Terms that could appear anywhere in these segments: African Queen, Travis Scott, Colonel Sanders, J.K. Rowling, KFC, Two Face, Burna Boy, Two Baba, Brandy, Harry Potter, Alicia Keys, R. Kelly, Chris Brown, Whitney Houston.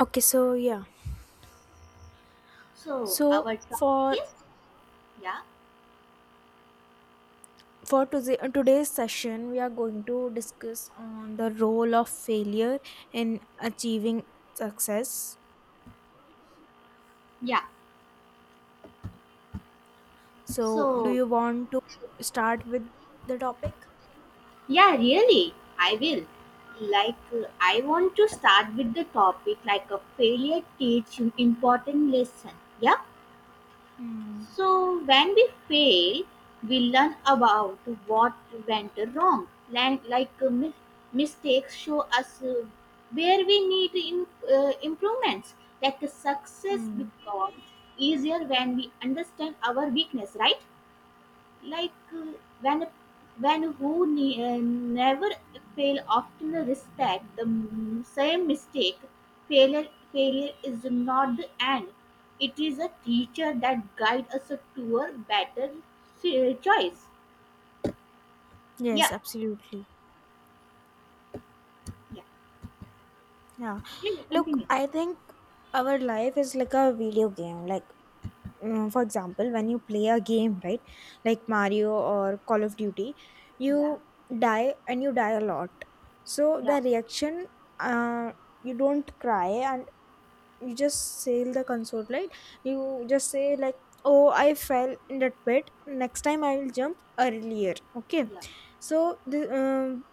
Okay, so yeah. So So our topic for is, yeah, for today, today's session, we are going to discuss on the role of failure in achieving success. yeah. So, do So, you want to start with the topic? yeah, really, I will. Like, I want to start with the topic like a failure teach an important lesson. Yeah. Hmm. So when we fail, we learn about what went wrong. Like, mistakes show us, where we need improvements. Like, success Hmm. becomes easier when we understand our weakness, right? like uh, when when who never fail often respect the same mistake. Failure failure is not the end. It is a teacher that guide us to a better choice. Yes, Yeah, absolutely. yeah, Yeah. yeah. Yeah, Look, continue. I think our life is like a video game. Like for example, when you play a game, right, like Mario or Call of Duty, Yeah you die and you die a lot. So yeah, the reaction, uh, you don't cry and you just sail the console, right? You just say like, oh, I fell in that pit, next time I will jump earlier, okay. yeah, So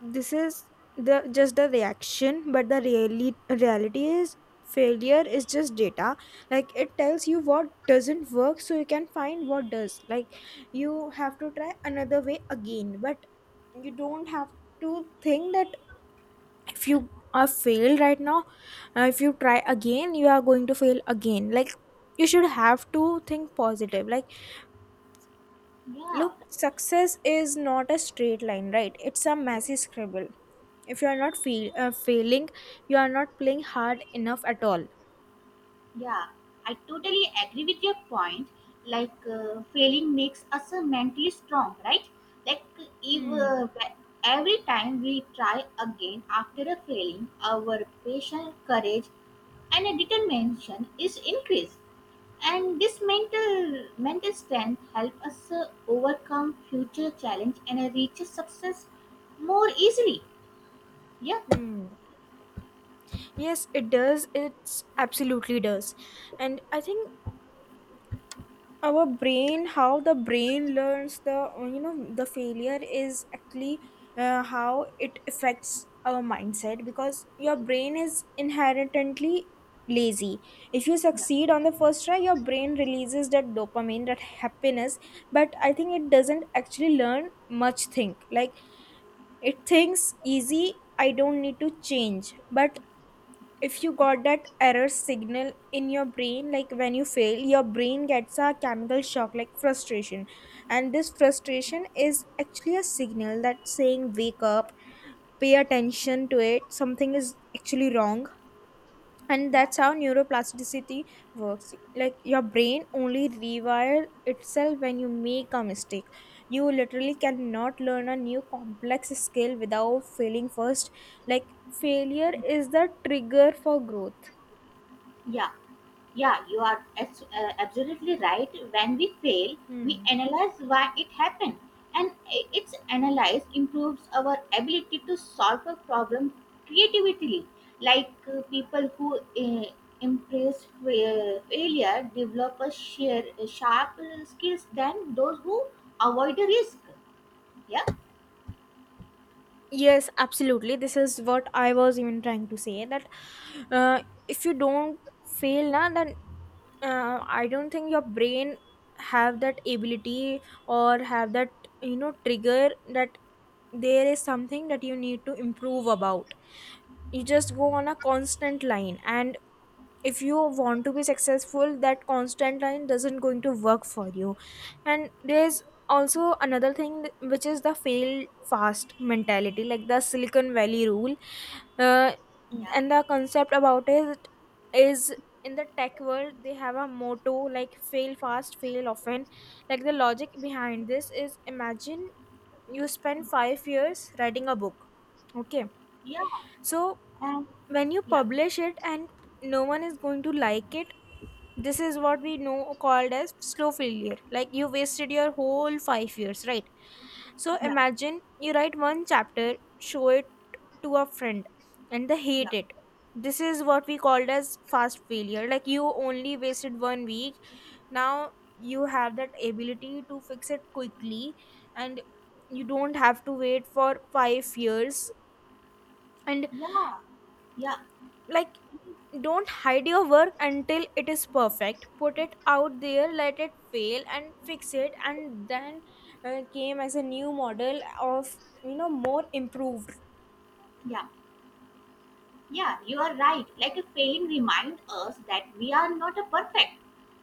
this is the just the reaction, but the really reality is failure is just data. Like, it tells you what doesn't work so you can find what does. Like, you have to try another way again, but you don't have to think that if you are failed right now, if you try again you are going to fail again. Like, you should have to think positive. Like, yeah. look, success is not a straight line, right? It's a messy scribble. If you are not failing, you are not playing hard enough at all. Yeah, I totally agree with your point. Like, failing makes us mentally strong, right? Like, if Hmm. Wh- every time we try again after a failing, our patience, courage, and determination is increased. And this mental strength help us overcome future challenge and reach success more easily. Yeah, Hmm. Yes, it does, it's absolutely does. And I think our brain, how the brain learns the you know the failure is actually how it affects our mindset, because your brain is inherently lazy. If you yeah, succeed on the first try, your brain releases that dopamine, that happiness, but I think it doesn't actually learn much. Think like, it thinks easy, I don't need to change. But if you got that error signal in your brain, like when you fail, your brain gets a chemical shock, like frustration. And this frustration is actually a signal that saying wake up, pay attention to it, something is actually wrong. And yeah, that's how neuroplasticity works. Like, your brain only rewires itself when you make a mistake. You literally cannot learn a new complex skill without failing first. Like, failure is the trigger for growth. yeah. Yeah, you are, absolutely right. When we fail, we Hmm. analyze why it happened, and its analyze improves our ability to solve a problem creatively. Like, people who embrace failure develop a sharp skills than those who avoid the risk. Yeah, Yes, absolutely. This is what I was even trying to say, that uh, if you don't fail na, then I don't think your brain have that ability, or have that, you know, trigger that there is something that you need to improve about. You just go on a constant line, and if you want to be successful, that constant line doesn't going to work for you. And there's also another thing which is the fail fast mentality, like the Silicon Valley rule. uh, yeah, and the concept about it is, in the tech world they have a motto like fail fast, fail often. Like, the logic behind this is, imagine you spend 5 years writing a book, okay. yeah, So and when you yeah, publish it and no one is going to like it, this is what we know called as slow failure. Like, you wasted your whole 5 years, right? So yeah, imagine you write one chapter, show it to a friend, and they yeah, hate it. This is what we called as fast failure. Like, you only wasted 1 week. Now you have that ability to fix it quickly, and you don't have to wait for 5 years. And yeah, yeah, like, don't hide your work until it is perfect, put it out there, let it fail and fix it, and then came as a new model of, you know, more improved. yeah. Yeah, you are right. Like a failing remind us that we are not a perfect.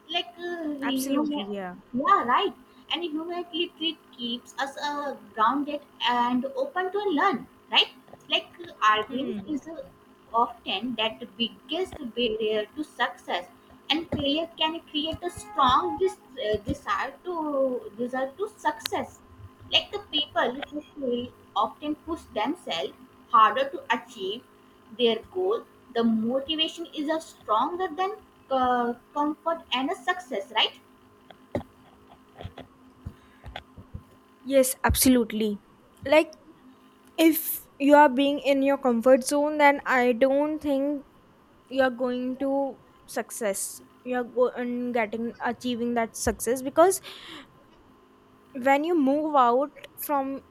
Like, human, Absolutely, yeah. yeah, right. And humanity treat keeps us grounded and open to learn, right? Like, arguing Hmm. is often that the biggest barrier to success, and failure can create a strong desire to success. Like the people who fail often push themselves harder to achieve their goal, the motivation is a stronger than comfort and a success, right? Yes, absolutely. Like, if you are being in your comfort zone, then I don't think you are going to success. You are and getting achieving that success, because when you move out from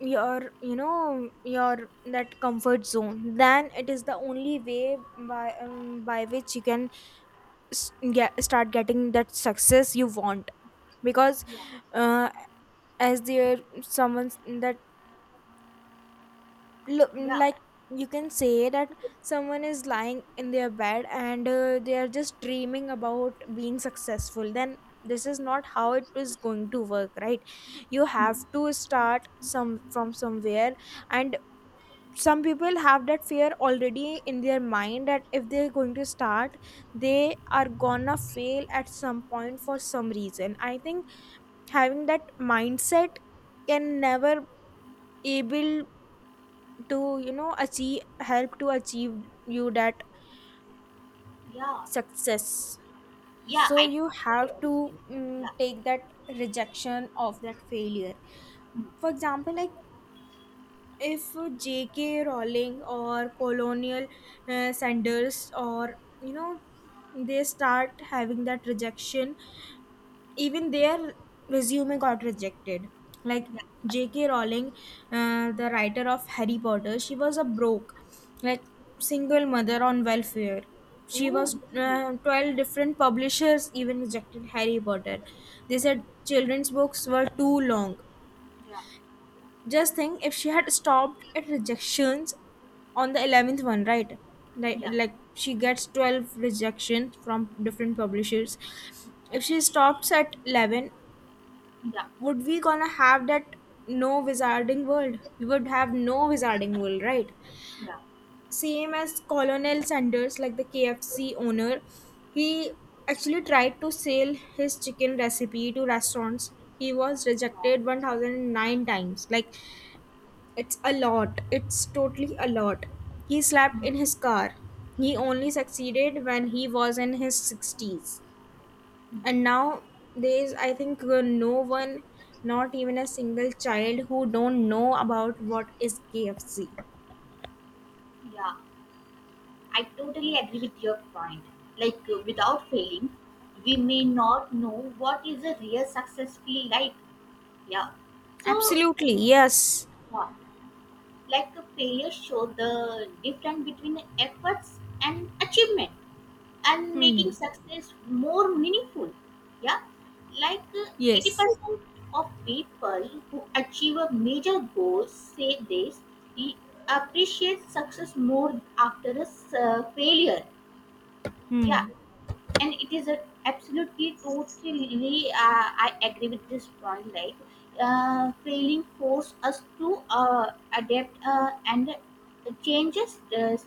your, you know, your that comfort zone, then it is the only way by which you can get start getting that success you want. Because Yeah, uh, as there someone that look yeah, like, you can say that someone is lying in their bed and they are just dreaming about being successful, then this is not how it is going to work, right? You have to start some from somewhere. And some people have that fear already in their mind, that if they're going to start, they are gonna fail at some point for some reason. I think having that mindset can never able to, you know, achieve help to achieve you that yeah, success. yeah. So I you totally have agree. to Yeah, take that rejection of that failure. For example, like, if J.K. Rowling or Colonial Sanders or, you know, they start having that rejection, even their resume got rejected. Like yeah. J.K. Rowling, the writer of Harry Potter, she was a broke, like single mother on welfare. She Oh, was really? 12 different publishers even rejected Harry Potter. They said children's books were too long. Yeah, Just think if she had stopped at rejections on the 11th one, right? Yeah, Like she gets 12 rejections from different publishers. If she stops at 11, yeah, would we gonna have that no wizarding world? We would have no wizarding world, right? yeah, Same as Colonel Sanders, like the KFC owner, he actually tried to sell his chicken recipe to restaurants. He was yeah, rejected 1009 times. Like, it's a lot. It's totally a lot. He slept in his car. He only succeeded when he was in his 60s. And now there is, I think, no one, not even a single child, who don't know about what is KFC. yeah. I totally agree with your point. Like, without failing, we may not know what is a real success feel like. Yeah. So, Absolutely, yes. yeah. Like a failure show the difference between efforts and achievement and making Hmm. success more meaningful. Yeah. Like, Yes. 80% of people who achieve a major goal say they appreciate success more after a failure. Yeah. Hmm. And it is a absolutely totally, I agree with this point. Like, failing force us to adapt, and changes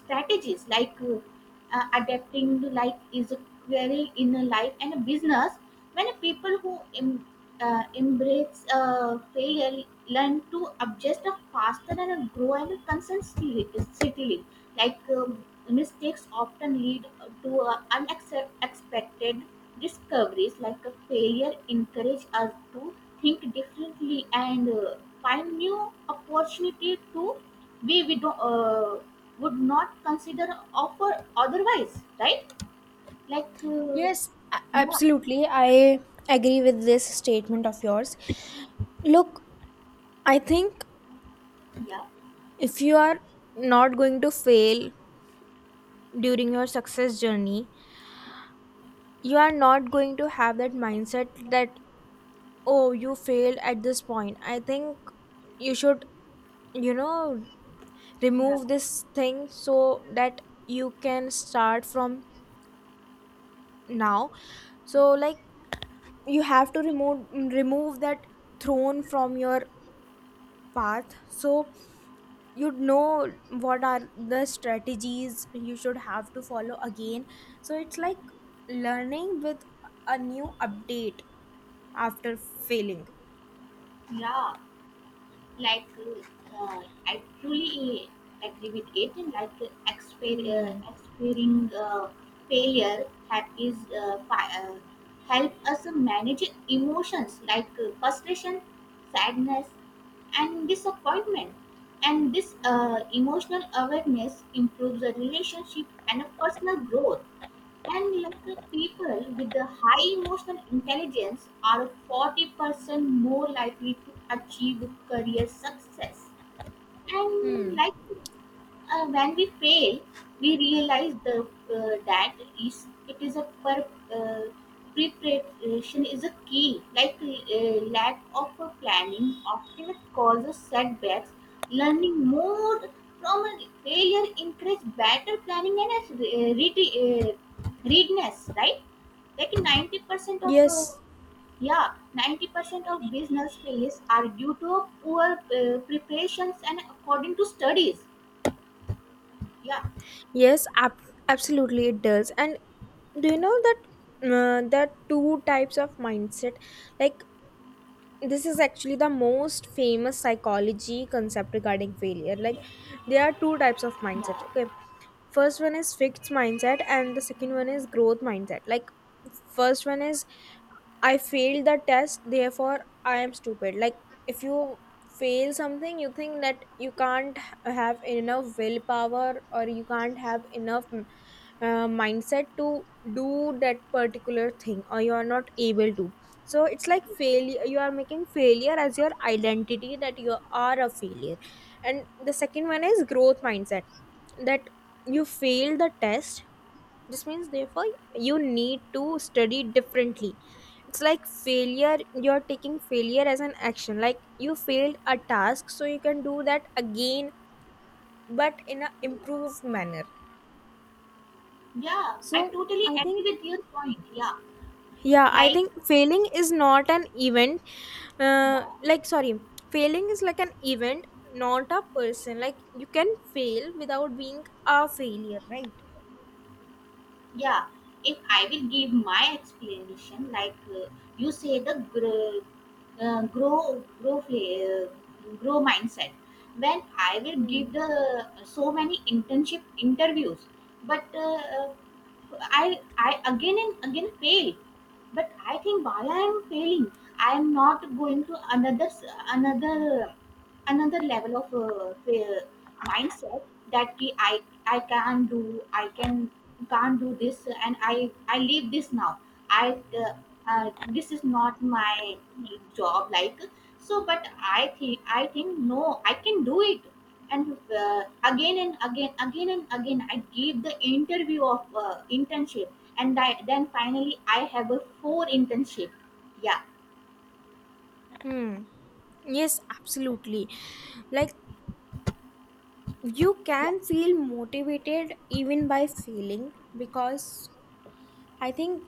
strategies. Like, adapting to life is a query in a life and a business. When people who embrace failure learn to adjust faster and grow and consistently. Like, mistakes often lead to unexpected discoveries. Like a failure encourage us to think differently and find new opportunity to we don't, would not consider offer otherwise, right? Like uh, Yes, yeah, absolutely. I agree with this statement of yours. Look, I think yeah. if you are not going to fail during your success journey, you are not going to have that mindset that, oh, you failed at this point. I think you should, you know, Yeah, remove this thing so that you can start from now. So like, you have to remove that throne from your path. So you know what are the strategies you should have to follow again. So it's like learning with a new update after failing. yeah. Like, I truly agree with it. Like, Hmm. experiencing failure help us manage emotions like frustration, sadness, and disappointment. And this emotional awareness improves the relationship and personal growth. And local people with the high emotional intelligence are 40% more likely to achieve career success. And Hmm. like, when we fail, we realize the that is it is a uh, preparation is a key. Like, lack of a planning often causes setbacks. Learning more from a failure encourages better planning and read, uh, readiness. Right, like ninety percent of Yes, yeah, 90% of business failures are due to poor preparations and according to studies. Yeah, yes, absolutely it does. And do you know that there are two types of mindset? Like, this is actually the most famous psychology concept regarding failure. Like, there are two types of mindset. yeah, Okay, first one is fixed mindset, and the second one is growth mindset. Like, first one is, I failed the test, therefore I am stupid. Like, if you fail something, you think that you can't have enough willpower, or you can't have enough mindset to do that particular thing, or you are not able to. So it's like failure, you are making failure as your identity, that you are a failure. And the second one is growth mindset, that you fail the test, this means, therefore, you need to study differently. It's like failure, you're taking failure as an action. Like, you failed a task, so you can do that again, but in an improved manner. yeah. I So totally I think, agree with your point. Yeah, yeah, I like, think failing is not an event. yeah. Like, sorry, failing is like an event, not a person. Like, you can fail without being a failure, right? Yeah. If I will give my explanation, you say the uh, grow grow fla- uh, grow mindset. Well, I will give Hmm. the, so many internship interviews, but I again and again fail. But I think while I am failing, I am not going to another s- another another level of mindset, that ki I can do. I can Can't do this, and I leave this now. I This is not my job, like. So, but I think, I think no, I can do it. And, again and again, I give the interview of internship. And I, then finally I have a four internship. Yeah, Hmm. Yes, absolutely. Like, you yeah, can feel motivated even by failing, because I think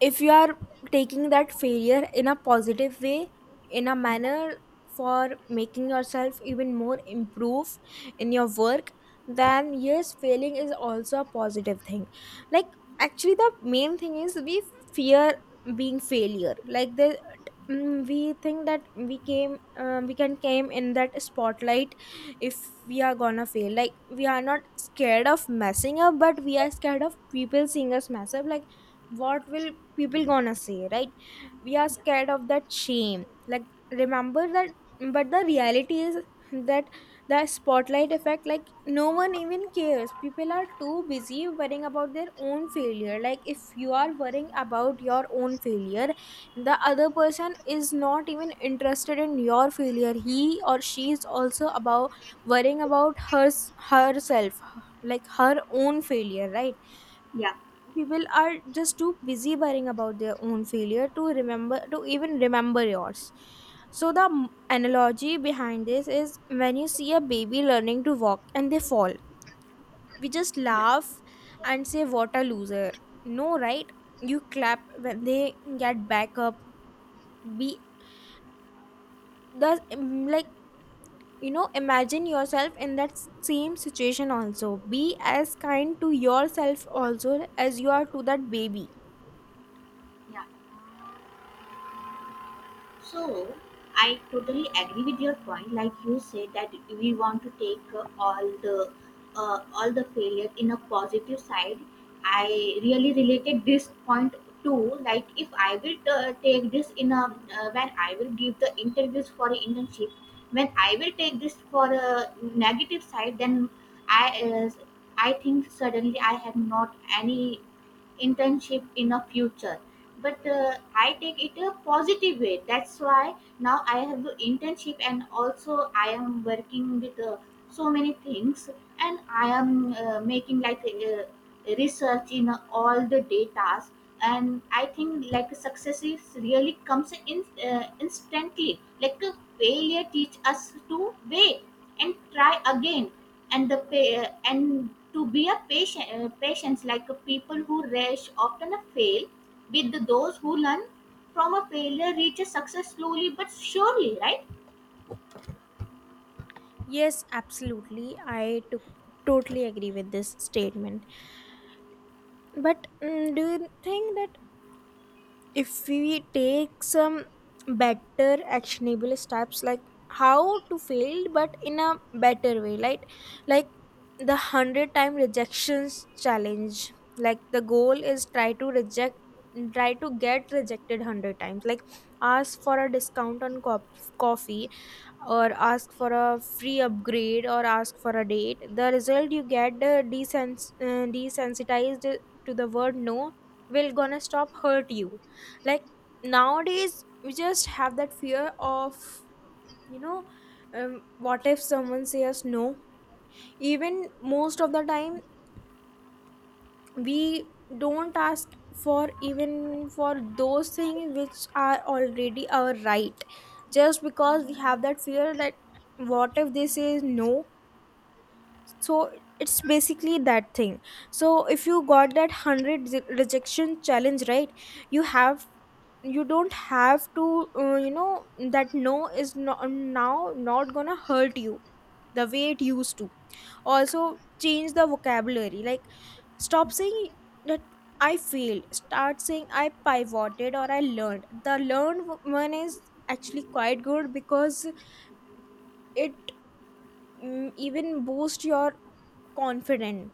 if you are taking that failure in a positive way, in a manner for making yourself even more improve in your work, then yes, failing is also a positive thing. Like, actually the main thing is we fear being failure. Like, the we think that we came we can came in that spotlight if we are gonna fail. Like, we are not scared of messing up, but we are scared of people seeing us mess up. Like, what will people gonna say, right? We are scared of that shame, like, remember that. But the reality is that the spotlight effect, like, no one even cares. People are too busy worrying about their own failure. Like, if you are worrying about your own failure, the other person is not even interested in your failure, he or she is also about worrying about her herself, like her own failure, right? yeah, People are just too busy worrying about their own failure to remember to even remember yours. So the analogy behind this is, when you see a baby learning to walk and they fall, we just yeah, laugh and say what a loser, no, right? You clap when they get back up. Be the like, you know, imagine yourself in that same situation. Also be as kind to yourself also as you are to that baby. yeah. So, I totally agree with your point. Like you said, that we want to take, all the failure in a positive side. I really related this point too. Like if I will, take this in a, when I will give the interviews for an internship, when I will take this for a negative side, then I uh, I think suddenly I have not any internship in a future. But I take it a positive way. That's why now I have the internship and also I am working with so many things, and I am making, research in all the data. And I think like success is really comes in, instantly. Like a failure teach us to wait and try again, and the and to be a patient, patience. Like, people who rush often fail with those who learn from a failure reaches success slowly but surely, right? Yes, absolutely. Totally agree with this statement. But do you think that if we take some better actionable steps, like how to fail, but in a better way, like the 100 time rejections challenge, like the goal is try to get rejected 100 times, like ask for a discount on coffee or ask for a free upgrade or ask for a date. The result you get desensitized to the word no, will gonna stop hurt you. Like nowadays we just have that fear of, you know what if someone says no? Even most of the time we don't ask for, even for those things which are already our right, just because we have that fear that what if they say no. So it's basically that thing. So if you got that 100 rejection challenge, right, you have you don't have to, that no is no, now not gonna hurt you the way it used to. Also change the vocabulary, like stop saying that I failed. Start saying I pivoted or I learned. The learned one is actually quite good because it even boosts your confidence.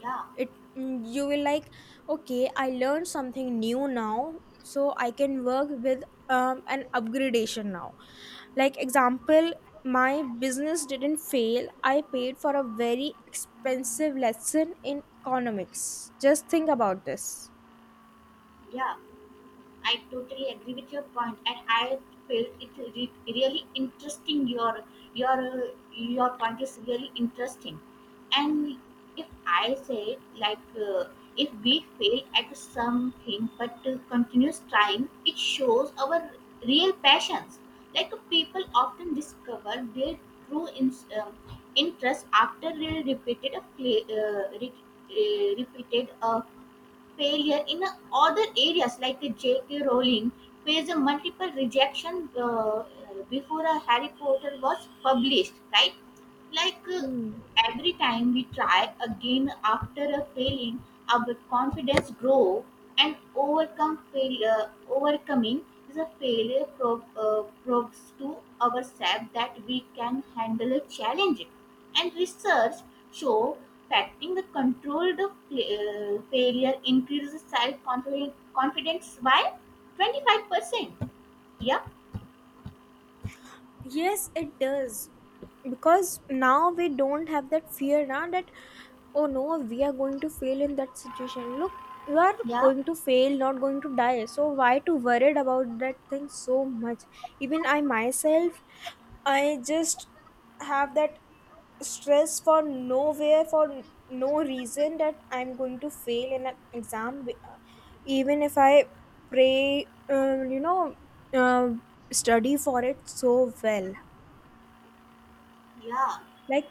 Yeah, It you will like, okay, I learned something new now, so I can work with, an upgradation now. Like example, my business didn't fail, I paid for a very expensive lesson in economics. Just think about this. yeah. I totally agree with your point, and I felt it really interesting. Your your point is really interesting, and if I say, if we fail at something, but continuous trying, it shows our real passions. Like, people often discover their true um, interest after they repeated a failure in other areas like the J.K. Rowling faced a multiple rejection, before a Harry Potter was published, right? Like, every time we try again after a failing, our confidence grow and overcome failure. Overcoming is a failure, proves to ourselves that we can handle a challenge. And research show factoring the controlled failure increases self confidence by 25%. Yeah, Yes, it does. Because now we don't have that fear now that, oh no, we are going to fail in that situation. Look, you are yeah, going to fail, not going to die. So why to worried about that thing so much? Even I myself, I just have that stress for nowhere, for no reason, that I'm going to fail in an exam, even if I pray, uh, study for it so well. yeah, Like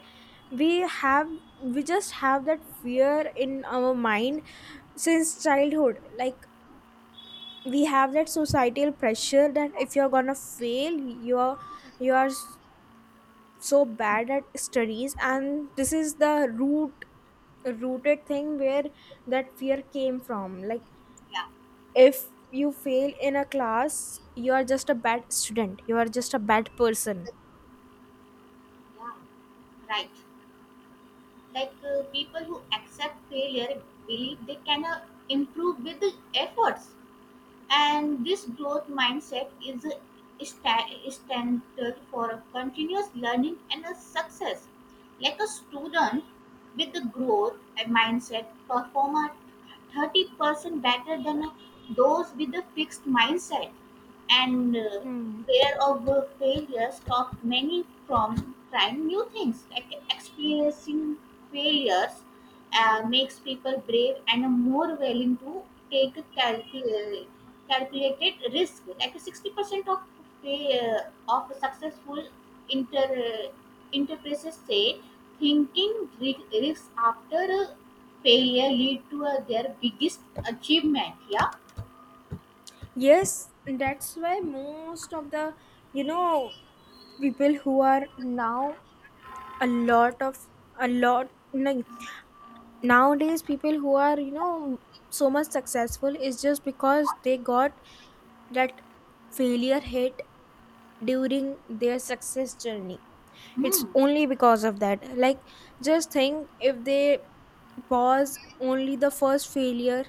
we have we just have that fear in our mind since childhood. Like we have that societal pressure that if you're gonna fail, you're you are so bad at studies, and this is the rooted thing where that fear came from. Like yeah, if you fail in a class, you are just a bad student, you are just a bad person. yeah, right. Like, people who accept failure believe they can, improve with the efforts. And this growth mindset is a standard for a continuous learning and a success. Like a student with the growth and mindset perform at 30% better than those with the fixed mindset. And fear of failure stop many from trying new things. Like experiencing failures, makes people brave and more willing to take a calculated risk, like 60% of fa- uh, successful inter uh, enterprises say thinking risks after failure lead to their biggest achievement. Yeah. Yes, that's why most of the, you know people who are now, a lot of a lot like nowadays people who are, so much successful, is just because they got that failure hit during their success journey. It's Hmm. only because of that. Like just think, if they pause only the first failure,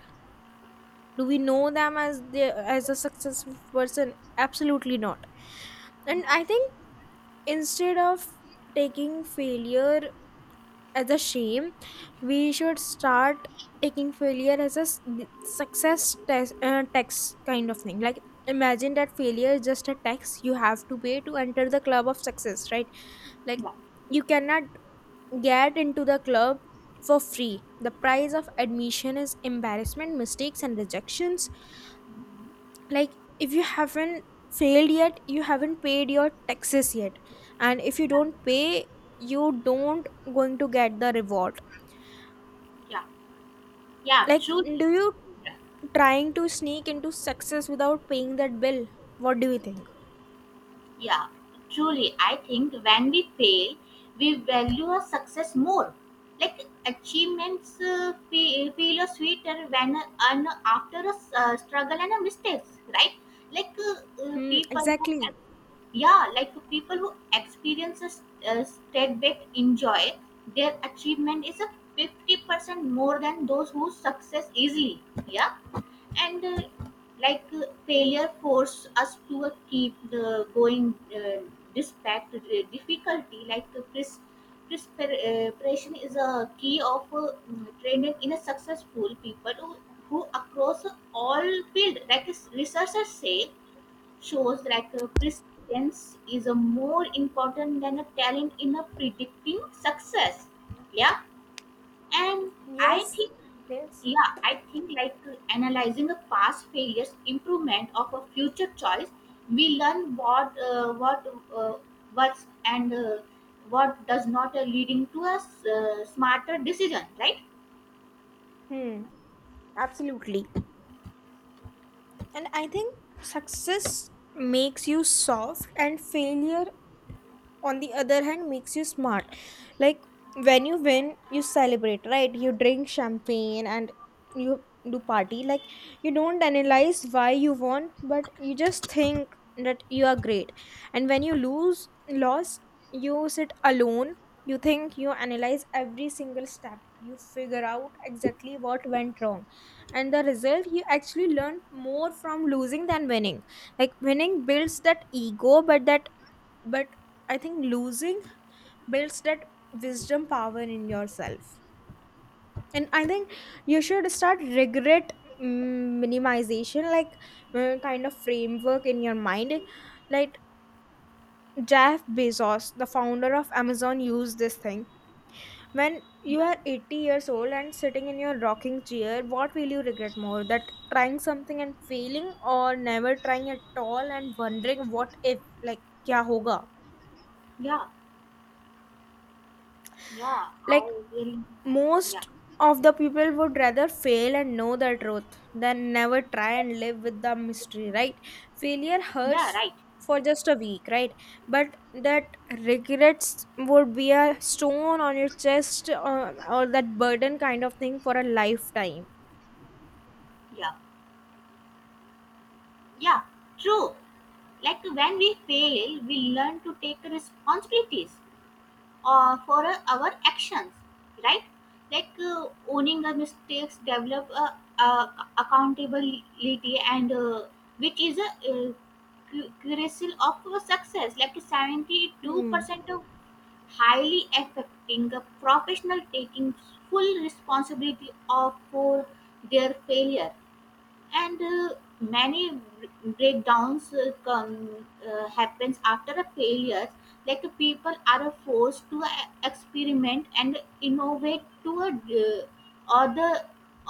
do we know them as the as a successful person? Absolutely not. And Wow. I think instead of taking failure as a shame, we should start taking failure as a success test, text kind of thing. Like imagine that failure is just a tax you have to pay to enter the club of success, right? Like Wow. you cannot get into the club for free. The price of admission is embarrassment, mistakes and rejections. Like if you haven't failed yet, you haven't paid your taxes yet. And if you don't pay, you don't going to get the reward. Yeah. Yeah, Like, truly. do you trying to sneak into success without paying that bill? What do you think? Yeah, truly. I think when we fail, we value our success more. Like achievements, feel sweeter when earned after a struggle and a mistakes, right? Hmm, People who, exactly. yeah, like people who experience a setback enjoy their achievement is a 50% more than those who success easily. Yeah. And like, failure forced us to keep the going, despite the difficulty, like preparation is a key of training in a successful people who across all field, like researchers say shows, persistence is a more important than a talent in a predicting success. Yeah. And I Yes, think, yes. yeah, I think like analyzing a past failures improvement of a future choice. We learn what uh, works and what does not, leading to a smarter decision, right? Hmm, absolutely. And I think success makes you soft, and failure on the other hand makes you smart. Like when you win, you celebrate, right? You drink champagne and you do party. Like you don't analyze why you won, but you just think that you are great. And when you lose, loss, you sit alone, you think, you analyze every single step, you figure out exactly what went wrong. And the result, you actually learn more from losing than winning. Like winning builds that ego, but that but I think losing builds that wisdom power in yourself. And I think you should start regret minimization, like kind of framework in your mind. Like Jeff Bezos, the founder of Amazon, used this thing. When you Yeah, are 80 years old and sitting in your rocking chair, what will you regret more? That trying something and failing, or never trying at all and wondering what if? Like kya hoga. yeah, yeah. Like I will. Yeah, most of the people would rather fail and know the truth than never try and live with the mystery, right? Failure hurts yeah, right. for just a week, right? But that regrets would be a stone on your chest, or that burden kind of thing for a lifetime. Yeah, yeah, true. Like when we fail we learn to take responsibilities, for our actions, right? Like, owning our mistakes develop, uh, accountability and which is a, uh, crucial of our success, like Hmm. 72% of highly affecting a professional taking full responsibility of for their failure. And many breakdowns come happens after a failure. Like, people are forced to experiment and innovate to a, or the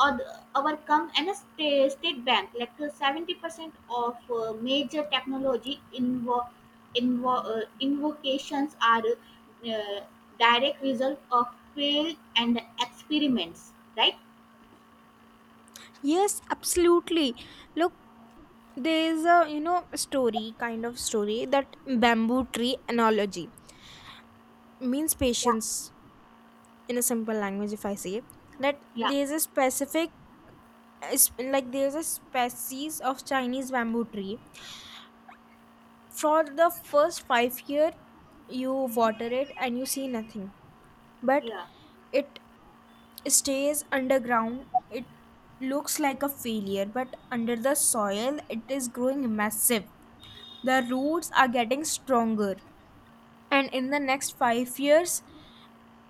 overcome and a state bank, 70% of major technology invocations are uh, direct result of failed and experiments, right? Yes, absolutely. Look, there's a, you know, story kind of story, that bamboo tree analogy means Yeah, patience. In a simple language if I say, that yeah. there's a is- like there's a species of Chinese bamboo tree, for the first 5 year you water Mhm. it and you see nothing, but Yeah, it stays underground. It looks like a failure, but under the soil it is growing massive. The roots are getting stronger, and in the next 5 years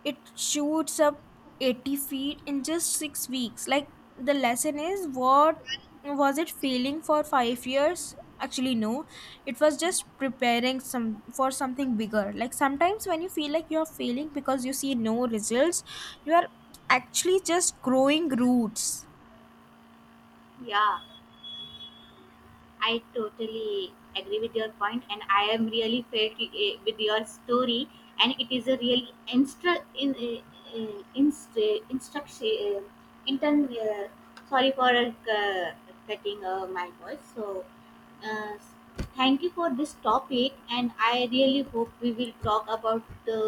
it shoots up 80 feet in just 6 weeks. Like, the lesson is what? Was it failing for 5 years? Actually, no, it was just preparing some for something bigger. Like, sometimes when you feel like you're failing because you see no results, you are actually just growing roots. yeah. I totally agree with your point, and I am really felt, with your story, and it is a really instru- in, eh, eh, instru- instruction. Intern, eh, Sorry for cutting my voice. So, uh, thank you for this topic, and I really hope we will talk about the,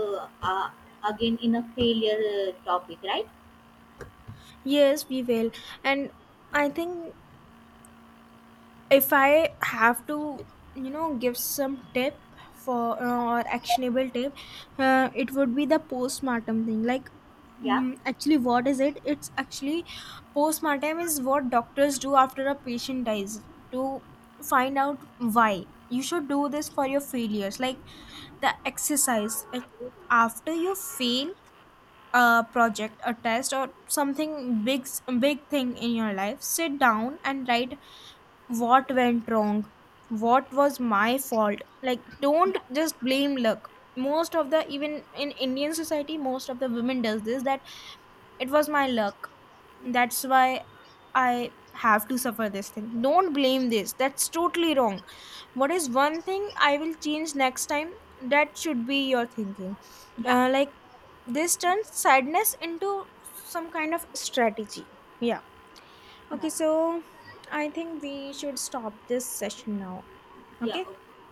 again in a failure topic, right? Yes, we will. And I think if I have to, you know, give some tip for, or actionable tip, it would be the postpartum thing. Like, Yeah, actually what is it? It's actually, postpartum is what doctors do after a patient dies to find out why. You should do this for your failures, like the exercise. Like after you fail a project, a test, or something big thing in your life, sit down and write what went wrong, what was my fault. Like don't yeah, just blame luck. Most of the, even in Indian society, most of the women does this, that it was my luck, that's why I have to suffer this thing. Don't blame this, that's totally wrong. What is one thing I will change next time? That should be your thinking. yeah, Like this turns sadness into some kind of strategy. Yeah. yeah, Okay, so I think we should stop this session now. yeah. Okay. Okay.